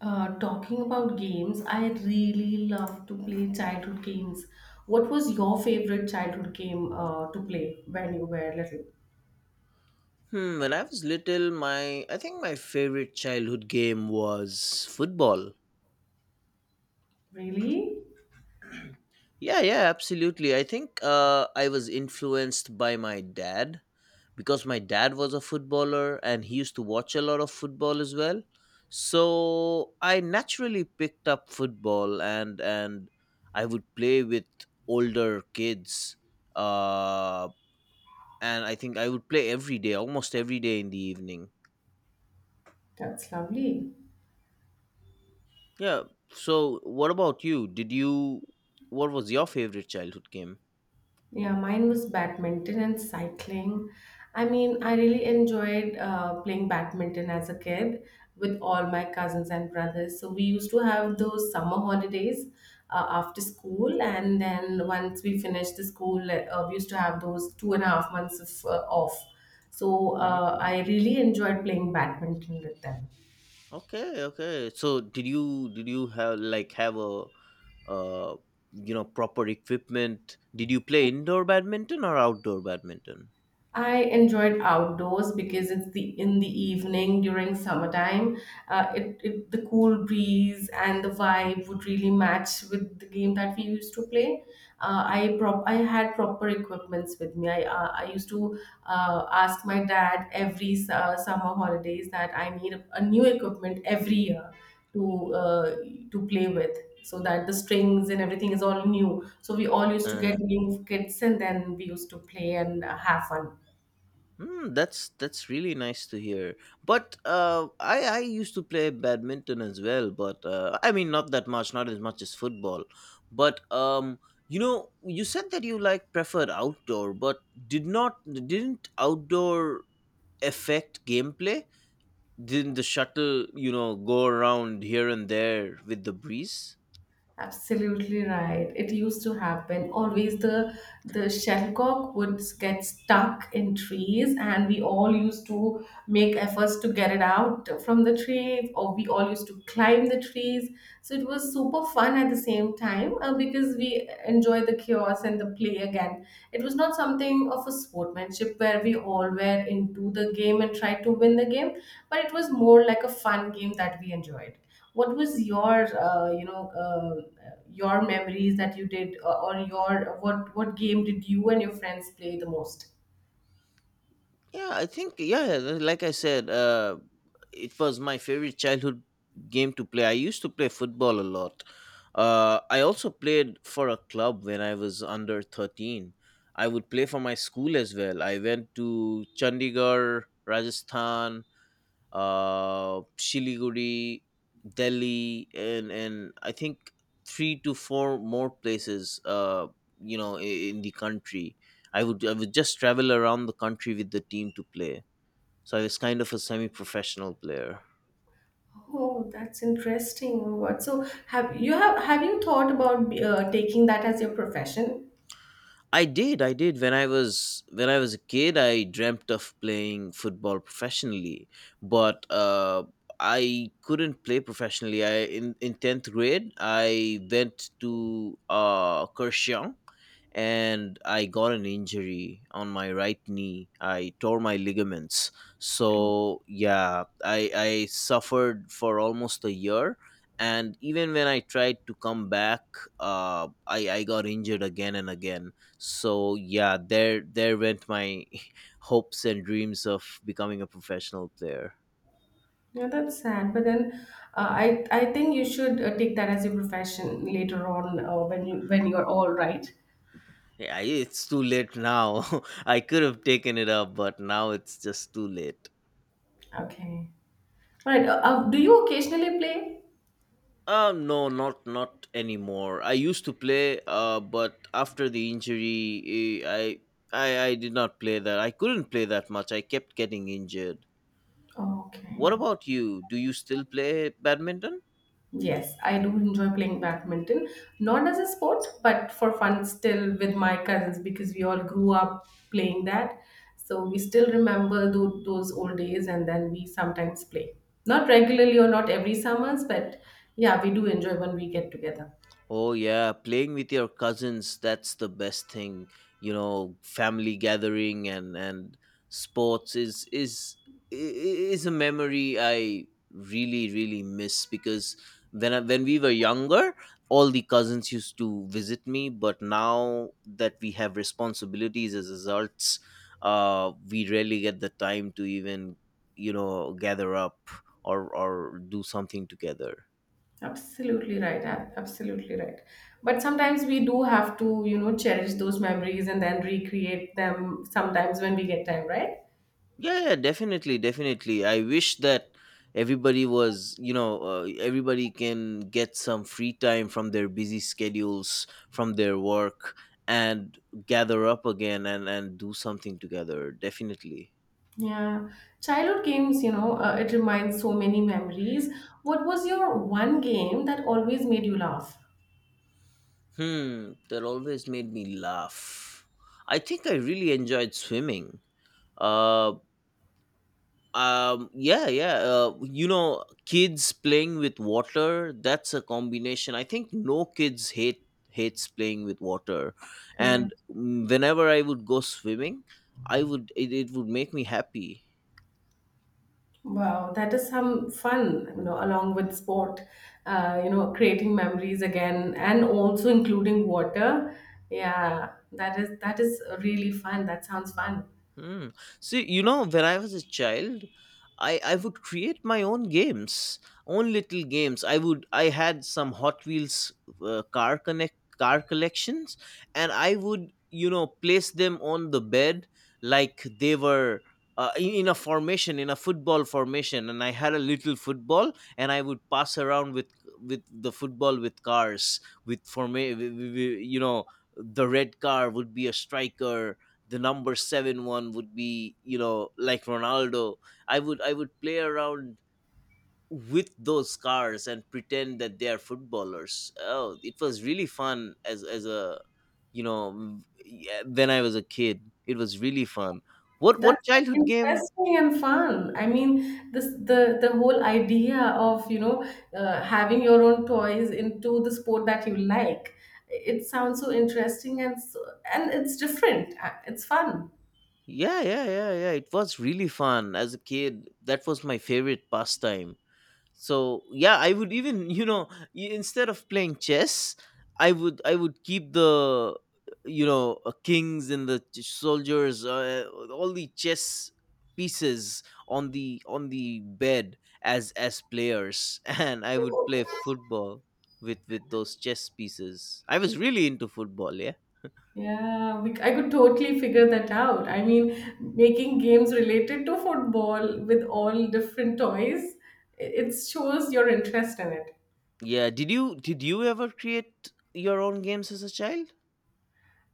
Talking about games, I really love to play childhood games. What was your favorite childhood game to play when you were little? Hmm, when I was little, my I think my favorite childhood game was football. Really? Yeah, yeah, absolutely. I think I was influenced by my dad because my dad was a footballer and he used to watch a lot of football as well. So I naturally picked up football and I would play with older kids. Uh, and I think I would play every day, almost every day in the evening. That's lovely. Yeah. So, what about you? Did you? What was your favorite childhood game? Yeah, mine was badminton and cycling. I really enjoyed playing badminton as a kid with all my cousins and brothers. So we used to have those summer holidays after school, and then once we finished the school, we used to have those 2.5 months of off. So Mhm. I really enjoyed playing badminton with them. Okay, okay. So did you have like have a uh you know proper equipment? Did you play indoor badminton or outdoor badminton? I enjoyed outdoors because it's the in the evening during summertime. It the cool breeze and the vibe would really match with the game that we used to play. I had proper equipments with me. I used to ask my dad every summer holidays that I need a new equipment every year to uh, to play with. So that the strings and everything is all new. So we all used to Uh, get new kits and then we used to play and have fun. hmm, that's really nice to hear. But I used to play badminton as well, but I mean not that much, not as much as football. But you know, you said that you like preferred outdoor, but didn't outdoor affect gameplay? Didn't the shuttle, you know, go around here and there with the breeze? Absolutely right. It used to happen. Always the shellcock would get stuck in trees, and we all used to make efforts to get it out from the trees, or we all used to climb the trees. So it was super fun at the same time because we enjoy the chaos and the play again. It was not something of a sportsmanship where we all were into the game and tried to win the game, but it was more like a fun game that we enjoyed. What was your, your memories that you did, or your what game did you and your friends play the most? Yeah, I think yeah, like I said, it was my favorite childhood game to play. I used to play football a lot. I also played for a club when I was under 13. I would play for my school as well. I went to Chandigarh, Rajasthan, Shiliguri, Delhi, and I think three to four more places. You know, i- in the country, I would just travel around the country with the team to play. So I was kind of a semi-professional player. Oh, that's interesting. What, so have you have you thought about taking that as your profession? I did, I did. When I was a kid, I dreamt of playing football professionally, but I couldn't play professionally. I in 10th grade, I went to Kersiang and I got an injury on my right knee. I tore my ligaments. So yeah, I suffered for almost a year. And even when I tried to come back, I got injured again and again. So yeah, there went my hopes and dreams of becoming a professional player. Yeah, that's sad. But then, I think you should take that as your profession later on when you when you're all right. Yeah, it's too late now. I could have taken it up, but now it's just too late. Okay. All right. Do you occasionally play? No, not not anymore. I used to play, but after the injury, I did not play that. I couldn't play that much. I kept getting injured. What Okay. about you? Do you still play badminton? Yes, I do enjoy playing badminton, not as a sport, but for fun still with my cousins because we all grew up playing that. So we still remember those old days, and then we sometimes play. Not regularly or not every summers, but yeah, we do enjoy when we get together. Oh yeah, playing with your cousins, that's the best thing. You know, family gathering and sports is a memory I really really miss because when we were younger, all the cousins used to visit me, but now that we have responsibilities as adults, we rarely get the time to even, you know, gather up or do something together. Absolutely right. Absolutely right. But sometimes we do have to, you know, cherish those memories and then recreate them sometimes when we get time, right? Yeah, yeah, definitely, definitely. I wish that everybody was, you know, everybody can get some free time from their busy schedules, from their work, and gather up again and do something together. Definitely. Yeah. Childhood games, it reminds so many memories. What was your one game that always made you laugh? Hmm, that always made me laugh. I think I really enjoyed swimming. Uh. Yeah, yeah, you know, kids playing with water, that's a combination. I think no kids hates playing with water. And Correct. Whenever I would go swimming, it would make me happy. Wow, that is some fun, you know, along with sport, creating memories again and also including water. Yeah, that is really fun. That sounds fun. Hmm. See, you know, when I was a child, I would create my own games, own little games. I had some Hot Wheels car collections, and I would, you know, place them on the bed like they were. In a formation, in a football formation, and I had a little football, and I would pass around with the football, with cars, with forma- w- w- w- you know, the red car would be a striker, the number 7 one would be, you know, like Ronaldo. I would play around with those cars and pretend that they are footballers. Oh, it was really fun as a you know m- yeah, when I was a kid, it was really fun. What That's so childhood game interesting and fun. I mean, this the whole idea of, you know, having your own toys into the sport that you like. It sounds so interesting and so, and it's different. It's fun. yeah yeah yeah yeah It was really fun as a kid. That was my favorite pastime. So yeah, I would even, instead of playing chess, I would keep the, you know, kings and the soldiers, all the chess pieces on the bed as players. And I would play football with those chess pieces. I was really into football, yeah. I could totally figure that out. I mean, making games related to football with all different toys, it shows your interest in it. Yeah, did you ever create your own games as a child?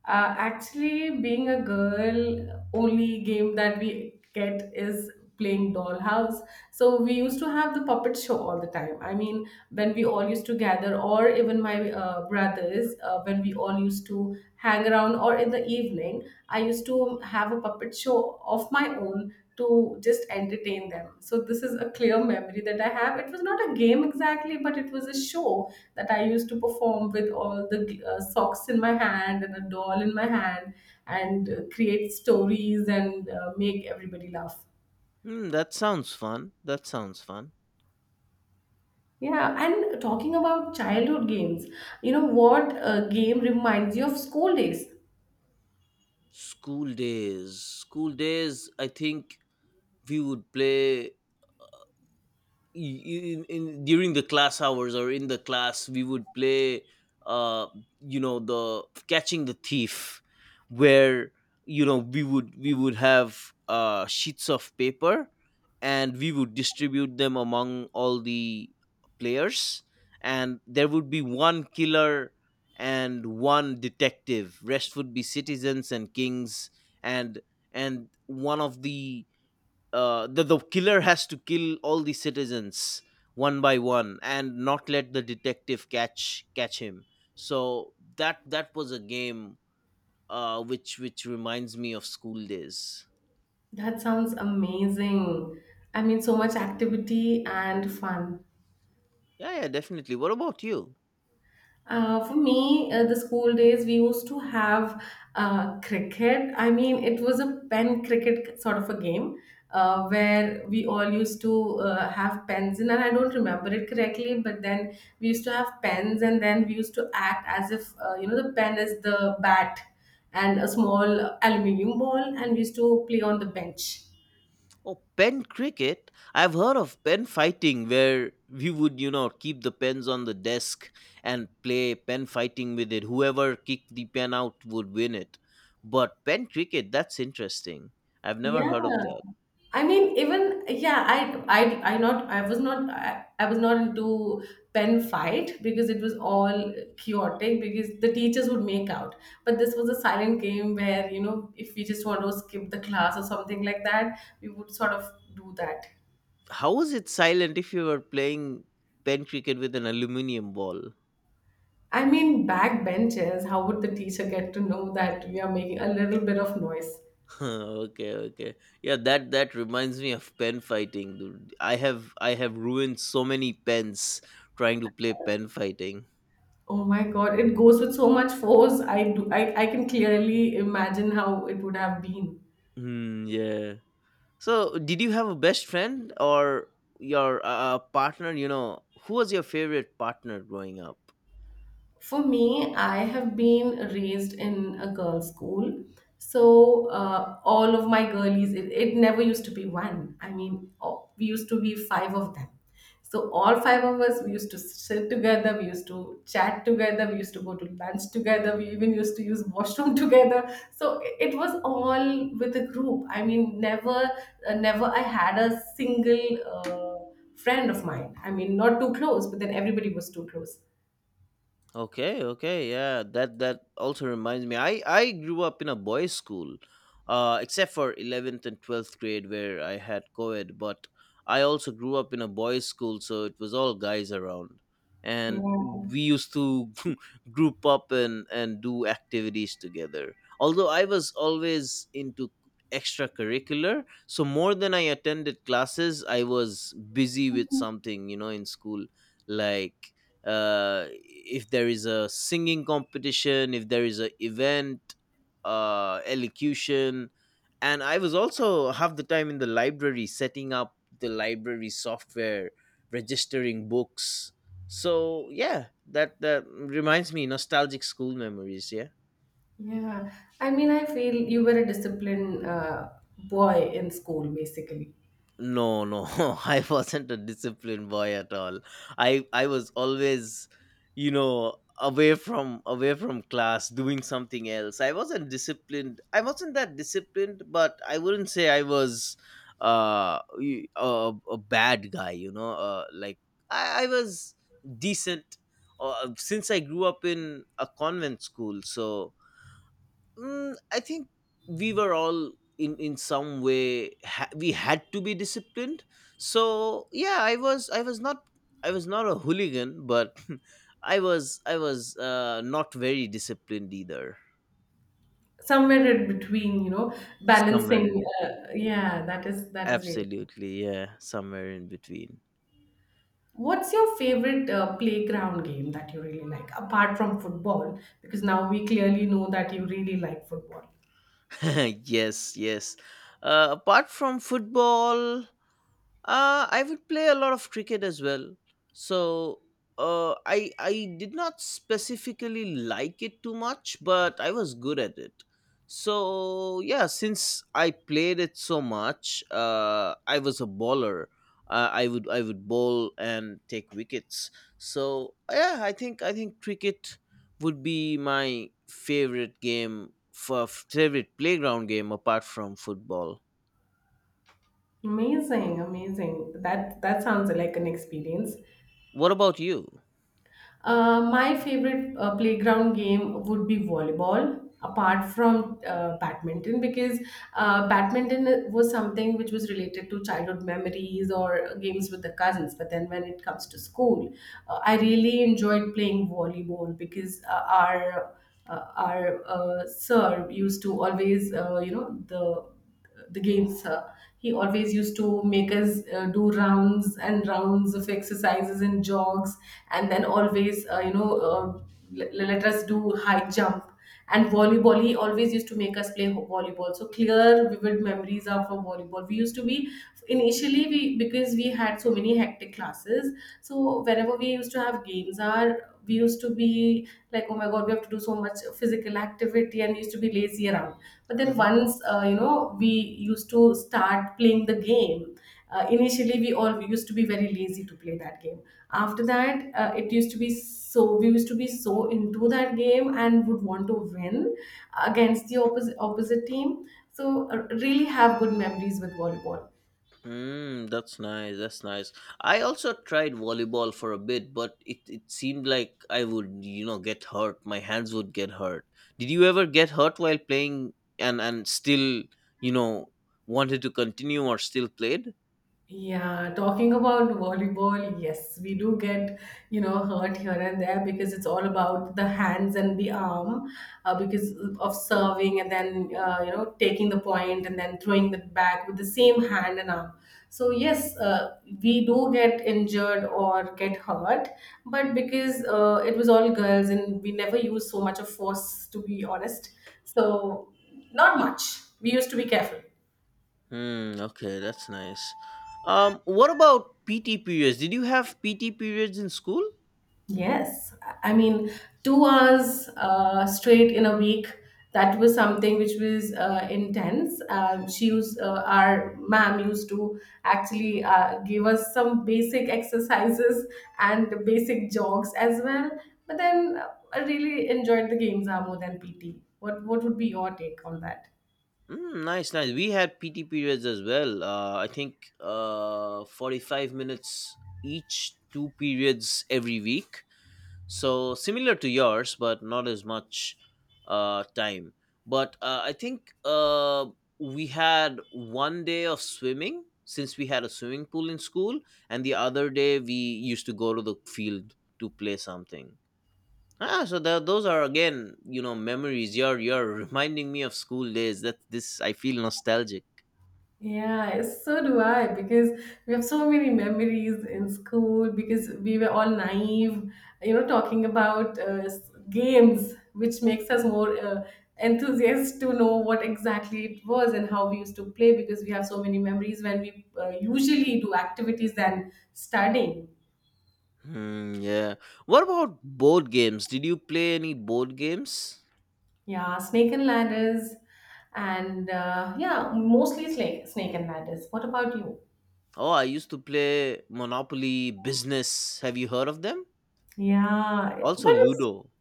Actually, being a girl, only game that we get is playing dollhouse. So we used to have the puppet show all the time. I mean, when we all used to gather, or even my brothers, when we all used to hang around, or in the evening, I used to have a puppet show of my own to just entertain them. So this is a clear memory that I have. It was not a game exactly, but it was a show that I used to perform with all the socks in my hand and a doll in my hand and create stories and make everybody laugh. Hmm, that sounds fun, that sounds fun. Yeah, and talking about childhood games, you know what game reminds you of school days? School days. School days, I think we would play in during the class hours, or in the class we would play, uh you know, the catching the thief, where, you know, we would have sheets of paper, and we would distribute them among all the players. And there would be one killer and one detective, rest would be citizens and kings. and and one of the the killer has to kill all the citizens one by one and not let the detective catch him. So that that was a game, which reminds me of school days. That sounds amazing. I mean, so much activity and fun. Yeah, yeah, definitely. What about you? For me, the school days, we used to have cricket. I mean, it was a pen cricket sort of a game where we all used to have pens in, and I don't remember it correctly, but then we used to have pens, and then we used to act as if, the pen is the bat and a small aluminium ball, and we used to play on the bench. Oh, pen cricket. I've heard of pen fighting, where we would, you know, keep the pens on the desk and play pen fighting with it. Whoever kicked the pen out would win it. But pen cricket, that's interesting. I've never Yeah, heard of that. I mean, even yeah, I not I was not I, I was not into pen fight because it was all chaotic because the teachers would make out. But this was a silent game where, you know, if we just want to skip the class or something like that, we would sort of do that. How was it silent if you were playing pen cricket with an aluminium ball? I mean, backbenchers, how would the teacher get to know that we are making a little bit of noise? Okay, okay. Yeah, that that reminds me of pen fighting, dude. I have ruined so many pens trying to play pen fighting. Oh my God, it goes with so much force. I can clearly imagine how it would have been. Hmm, yeah. So, did you have a best friend or your partner? You know, who was your favorite partner growing up? For me, I have been raised in a girls' school. So all of my girlies, it never used to be one. I mean, oh, we used to be five of them. So all five of us, we used to sit together, we used to chat together, we used to go to lunch together, we even used to use washroom together. So it was all with a group. Never I had a single friend of mine. I mean, not too close, but then everybody was too close. Okay, okay, yeah. That that also reminds me. I grew up in a boys' school, except for eleventh and twelfth grade where I had co-ed. But I also grew up in a boys' school, so it was all guys around, Yeah. and we used to group up and do activities together. Although I was always into extracurricular, so more than I attended classes, I was busy with something, you know, in school, like if there is a singing competition, if there is a event, elocution, and I was also half the time in the library setting up the library software, registering books. So yeah, that that reminds me nostalgic school memories. Yeah. Yeah, I mean, I feel you were a disciplined boy in school, basically. No, no, I wasn't a disciplined boy at all. I was always, you know, away from class, doing something else. I wasn't disciplined. I wasn't that disciplined, but I wouldn't say I was a bad guy. You know, like I was decent. Since I grew up in a convent school, so I think we were all in some way we had to be disciplined. So yeah, I was not a hooligan, but I was not very disciplined either. Somewhere in between, you know, Somewhere balancing. in between. Yeah, that is really. Absolutely, yeah, somewhere in between. What's your favorite playground game that you really like, apart from football? Because now we clearly know that you really like football. Yes, yes. Apart from football, uh, I would play a lot of cricket as well. So I did not specifically like it too much, but I was good at it. So yeah, since I played it so much, I was a bowler. I would bowl and take wickets. So yeah, I think cricket would be my favorite game for favorite playground game apart from football. Amazing, amazing. That sounds like an experience. What about you? My favorite playground game would be volleyball, apart from badminton, because badminton was something which was related to childhood memories or games with the cousins. But then when it comes to school, I really enjoyed playing volleyball because our sir used to always, the games. He always used to make us do rounds and rounds of exercises and jogs, and then always, let us do high jump. And volleyball, he always used to make us play volleyball. So clear, vivid memories of a volleyball. We used to be initially we Because we had so many hectic classes. So whenever we used to have games, our we used to be like, oh my god, we have to do so much physical activity, and used to be lazy around. But then once we used to start playing the game, initially we all we used to be very lazy to play that game. After that, it used to be so we used to be so into that game and would want to win against the opposite team. So really have good memories with volleyball. Mm, that's nice. That's nice. I also tried volleyball for a bit, but it seemed like I would, you know, get hurt. My hands would get hurt. Did you ever get hurt while playing and still, you know, wanted to continue or still played? Yeah, talking about volleyball, yes, we do get, you know, hurt here and there because it's all about the hands and the arm, because of serving and then, taking the point and then throwing it back with the same hand and arm. So, yes, we do get injured or get hurt, but because it was all girls and we never used so much of force, to be honest. So, not much. We used to be careful. Hmm, okay, that's nice. What about PT periods? Did you have PT periods in school? Yes, I mean, 2 hours straight in a week. That was something which was intense. Our ma'am used to actually give us some basic exercises and basic jogs as well. But then I really enjoyed the games more than PT. What would be your take on that? Mm, nice, nice. We had PT periods as well. I think 45 minutes each, two periods every week. So similar to yours, but not as much time. But I think we had one day of swimming since we had a swimming pool in school, and the other day we used to go to the field to play something. Ah, so those are again, you know, memories. You're reminding me of school days. I feel nostalgic. Yeah, so do I, because we have so many memories in school because we were all naive, you know, talking about games, which makes us more enthusiasts to know what exactly it was and how we used to play because we have so many memories when we usually do activities than studying. Hmm, yeah. What about board games? Did you play any board games? Yeah, snake and ladders, and yeah, mostly snake and ladders. What about you? Oh, I used to play Monopoly, Business. Have you heard of them? Yeah, Also but it's Ludo.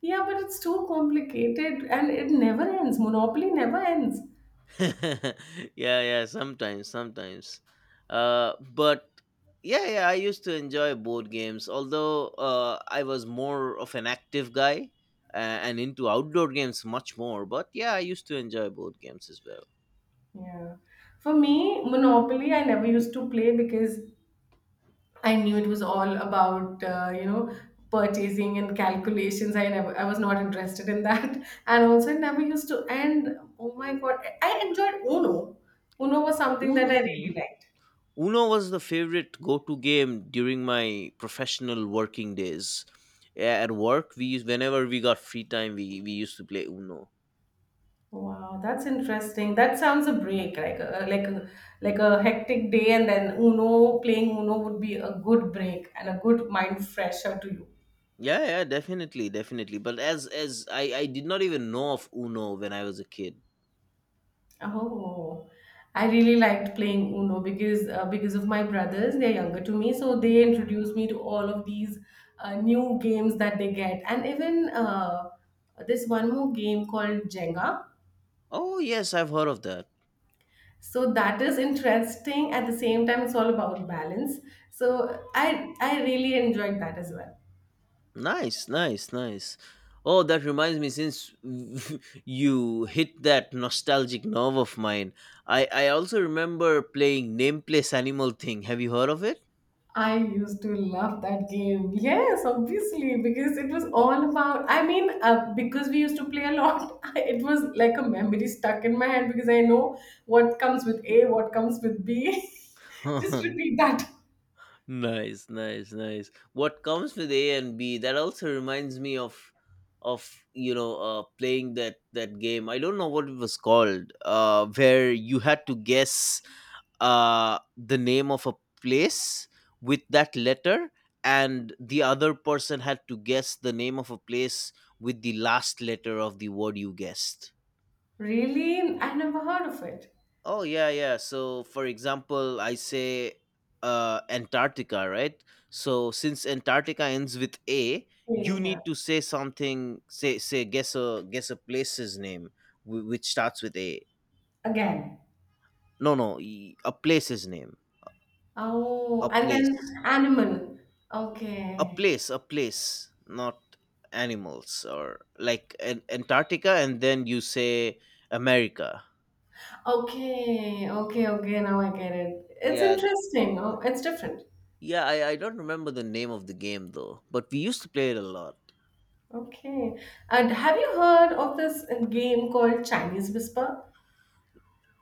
Yeah, but it's too complicated and it never ends. Monopoly never ends. Yeah, yeah, sometimes. But Yeah, yeah, I used to enjoy board games, although I was more of an active guy and into outdoor games much more, but yeah, I used to enjoy board games as well. Yeah. For me, Monopoly, I never used to play because I knew it was all about, purchasing and calculations. I was not interested in that. And also, it never used to And Oh my God. I enjoyed Uno. Uno was something that Uno, I yeah. really liked. Uno was the favorite go-to game during my professional working days. Yeah, at work we used whenever we got free time we used to play Uno. Wow, that's interesting. That sounds a break, like a like a hectic day, and then Uno playing Uno would be a good break and a good mind fresher to you. Yeah, yeah, definitely, definitely. But as I did not even know of Uno when I was a kid. Oh, I really liked playing Uno because of my brothers. They're younger to me, so they introduced me to all of these new games that they get, and even this one more game called Jenga. Oh yes, I've heard of that. So that is interesting. At the same time, it's all about balance. So I really enjoyed that as well. Nice, nice, nice. Oh, that reminds me. Since you hit that nostalgic nerve of mine, I also remember playing Name Place Animal Thing. Have you heard of it? I used to love that game. Yes, obviously, because it was all about. Because we used to play a lot, it was like a memory stuck in my head because I know what comes with A, what comes with B. Just repeat that. Nice, nice, nice. What comes with A and B? That also reminds me of playing that game. I don't know what it was called, where you had to guess the name of a place with that letter, and the other person had to guess the name of a place with the last letter of the word you guessed. Really? I never heard of it. Oh yeah, yeah. So for example, I say Antarctica, right? So since Antarctica ends with A, Yeah, you yeah. need to say something. Say say Guess a place's name which starts with A. Again. No, no, a place's name. Oh, A and then place. animal. A Okay, place. A place. Not animals or like an Antarctica, and then you say America. Okay, okay. Now I get it. It's Yeah, interesting. Oh, it's different. yeah. I don't remember the name of the game though, but we used to play it a lot. Okay. And have you heard of this game called Chinese Whisper?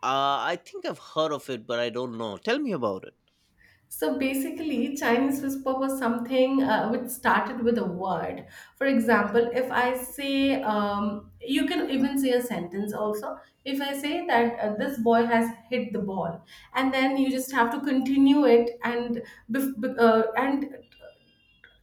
I think I've heard of it, but I don't know. Tell me about it. So basically, Chinese Whisper was something which started with a word. For example, if I say, you can even say a sentence also. If I say that this boy has hit the ball, and then you just have to continue it, and and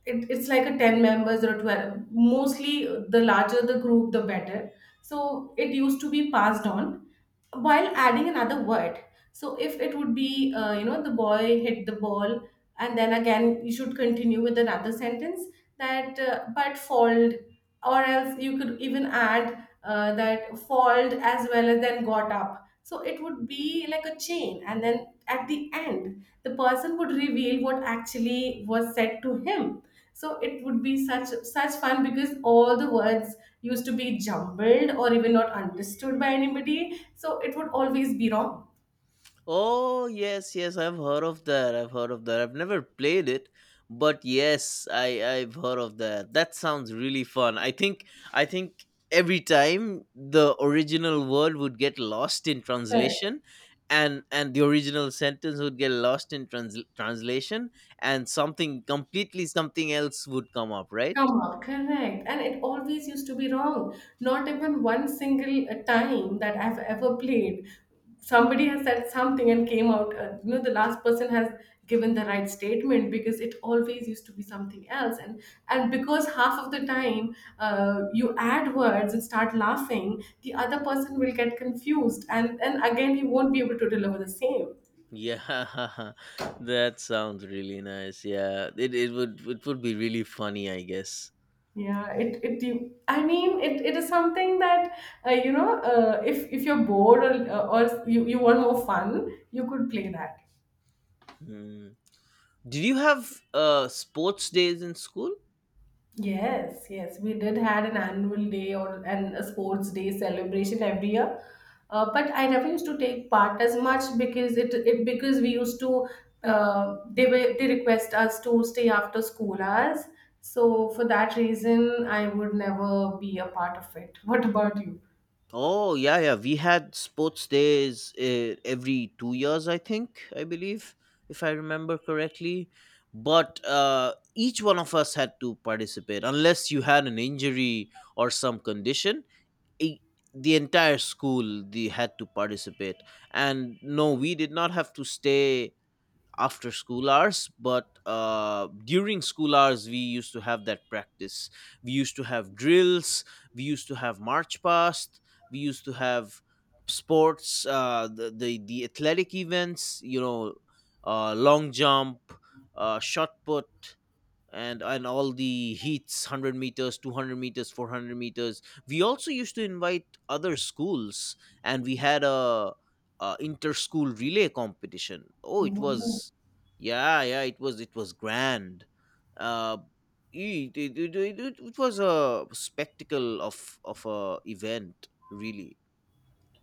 it's like a 10 members or 12, mostly the larger the group the better, so it used to be passed on while adding another word. So if it would be, you know, the boy hit the ball, and then again you should continue with another sentence, that but fold, or else you could even add, that fold as well as then got up. So it would be like a chain, and then at the end the person would reveal what actually was said to him. So it would be such fun because all the words used to be jumbled or even not understood by anybody, so it would always be wrong. Oh, yes, yes, I've heard of that. I've heard of that. I've never played it, but yes, I've heard of that. That sounds really fun. I think every time the original word would get lost in translation, and the original sentence would get lost in translation, and something else would come up, right? Come up, correct, and it always used to be wrong. Not even one single time that I've ever played, somebody has said something and came out, you know, the last person has given the right statement, because it always used to be something else. And because half of the time, you add words and start laughing, the other person will get confused and again he won't be able to deliver the same. Yeah, that sounds really nice. Yeah, it would be really funny, I guess. Yeah, I mean it is something that, you know, if you're bored, or you want more fun, you could play that. Hmm. Did you have sports days in school? Yes, yes, we did had an annual day or an a sports day celebration every year. But I never used to take part as much because it because we used to, they were they request us to stay after school hours. So for that reason, I would never be a part of it. What about you? Oh yeah, yeah. We had sports days every 2 years, I think. I believe, if I remember correctly. But each one of us had to participate, unless you had an injury or some condition. i- the entire school, they had to participate. And no, we did not have to stay after school hours, but during school hours we used to have that practice. We used to have drills, we used to have march past, we used to have sports, the athletic events, long jump, shot put, and all the heats, 100 meters, 200 meters, 400 meters. We also used to invite other schools, and we had a inter-school relay competition. Oh, it Wow. was yeah, yeah, it was grand. Uh it, it, it, it, it was a spectacle of a event, really.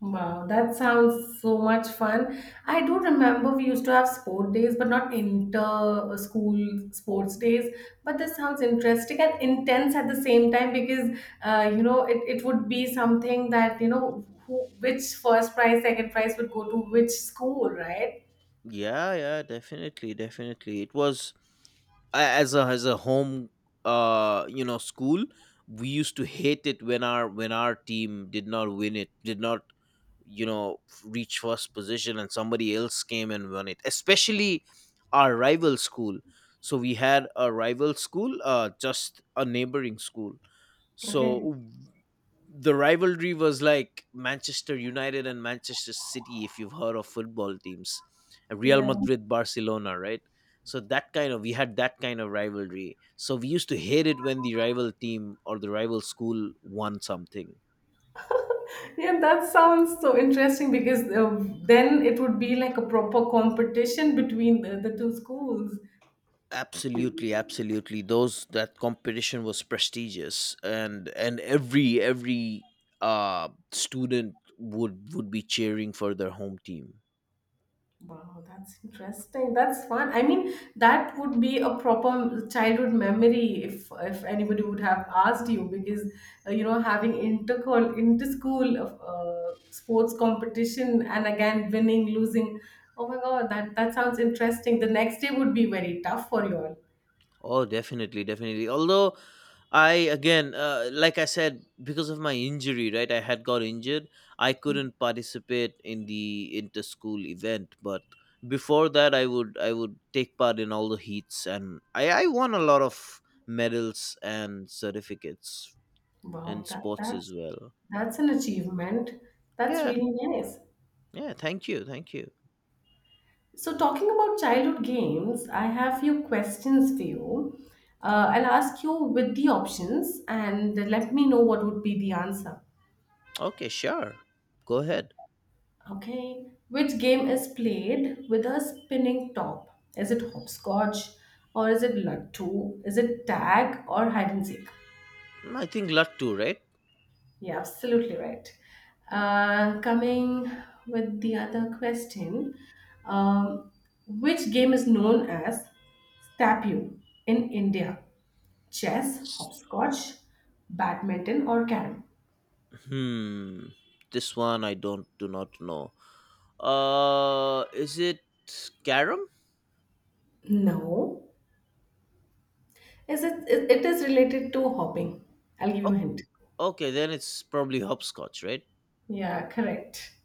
Wow, that sounds so much fun. I do remember we used to have sport days, but not inter school sports days. But this sounds interesting and intense at the same time because, you know, it would be something that, you know, who, which first prize, second prize would go to which school, right? Yeah, yeah, definitely, definitely. It was a- as a as a home school. We used to hate it when our team did not win, it did not you know reach first position, and somebody else came and won it, especially our rival school. So we had a rival school, just a neighboring school. Okay. So the rivalry was like Manchester United and Manchester City, if you've heard of football teams, and Real Yeah. Madrid, Barcelona, right? So that kind of we had that kind of rivalry. So we used to hate it when the rival team or the rival school won something. Yeah, that sounds so interesting because then it would be like a proper competition between the two schools. Absolutely, absolutely. Those that competition was prestigious, and every student would be cheering for their home team. Wow, that's interesting. That's fun. I mean, that would be a proper childhood memory if anybody would have asked you, because you know, having inter school sports competition, and again winning, losing. Oh my God, that sounds interesting. The next day would be very tough for you all. Oh, definitely, definitely. Although I, again, like I said, because of my injury, right? I had got injured. I couldn't participate in the inter-school event, but before that, I would take part in all the heats, and I won a lot of medals and certificates Wow, and that sports as that's well. that's an achievement. That's Yeah, really nice. yeah. Thank you, thank you. So, talking about childhood games, I have few questions for you. I'll ask you with the options and let me know what would be the answer. Okay, sure. Go ahead. Okay. Which game is played with a spinning top? Is it hopscotch, or is it lattu? Is it tag or hide and seek? I think luck too, right? Yeah, absolutely right. Coming with the other question, um, which game is known as Stapyu in India? Chess, S- hopscotch, badminton, or carom? Hmm. This one I don't do not know. Is it carom? No. Is it, it it is related to hopping. I'll give you Oh, a hint. okay, then it's probably hopscotch, right? Yeah, correct.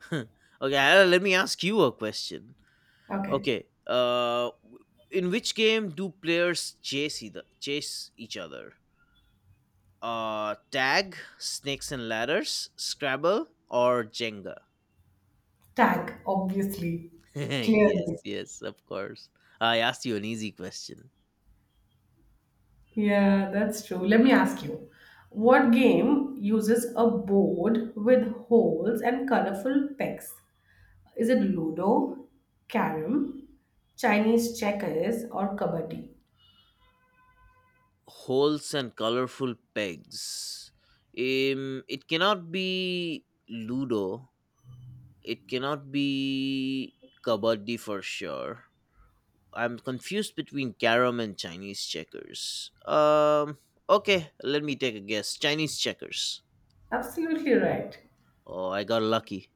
Okay, let me ask you a question. Okay. Okay, in which game do players chase each other? Tag, snakes and ladders, Scrabble, or Jenga? Tag, obviously. Yes, Clearly. yes, of course. I asked you an easy question. Yeah, that's true. Let me ask you, what game uses a board with holes and colorful pegs? Is it Ludo, Carom, Chinese checkers, or Kabaddi? Holes and colorful pegs. It cannot be Ludo. It cannot be kabaddi for sure. I'm confused between carom and Chinese checkers. Okay, let me take a guess. Chinese checkers. Absolutely right. Oh, I got lucky.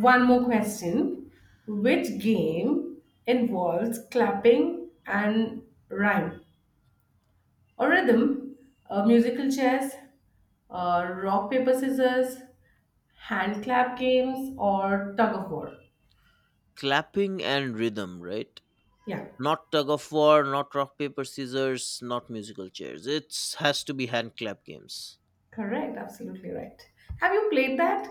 One more question. Which game involves clapping and rhyme or rhythm? Musical chairs, rock, paper, scissors, hand clap games, or tug of war? Clapping and rhythm, right? Yeah, Not tug of war, not rock paper scissors, not musical chairs. It has to be hand clap games. correct. Absolutely right. Have you played that?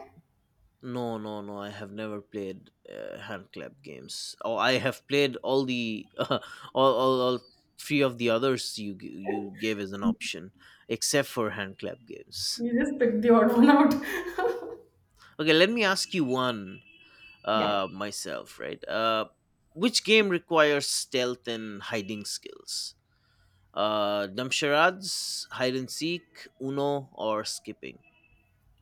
No, no, no. I have never played hand clap games. Oh, I have played all the all three of the others you gave as an option, except for hand clap games. You just picked the odd one out. Okay, let me ask you one Yeah. Myself, right? Which game requires stealth and hiding skills? Damsharads, hide and seek, Uno, or skipping?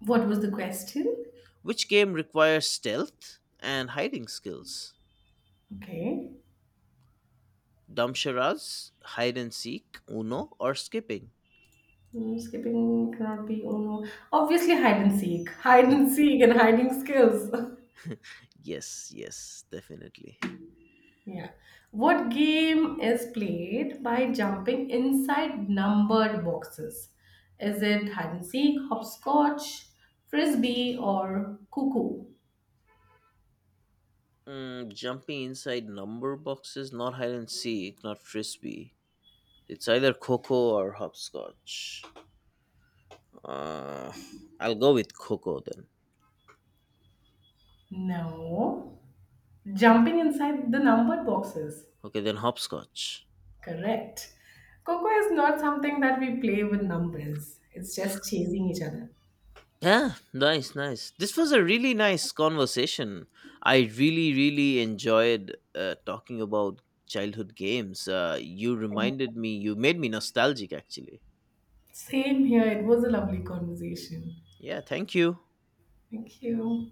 What was the question? Which game requires stealth and hiding skills? Okay. Damsharaz, hide and seek, Uno, or skipping? Mm, skipping cannot be. Oh no. Obviously, hide and seek. Hide Hmm. and seek and hiding skills. Yes, yes, definitely. Yeah. What game is played by jumping inside numbered boxes? Is it hide and seek, hopscotch, frisbee, or cuckoo? Jumping inside number boxes, not hide and seek, not frisbee. It's either Coco or hopscotch. Uh, I'll go with Coco then. No. Jumping inside the numbered boxes. Okay, then hopscotch. Correct. Coco is not something that we play with numbers. It's just chasing each other. Yeah, nice, nice. This was a really nice conversation. I really, really enjoyed talking about childhood games. You reminded me, you made me nostalgic actually. Same here. It was a lovely conversation. Yeah, thank you. Thank you.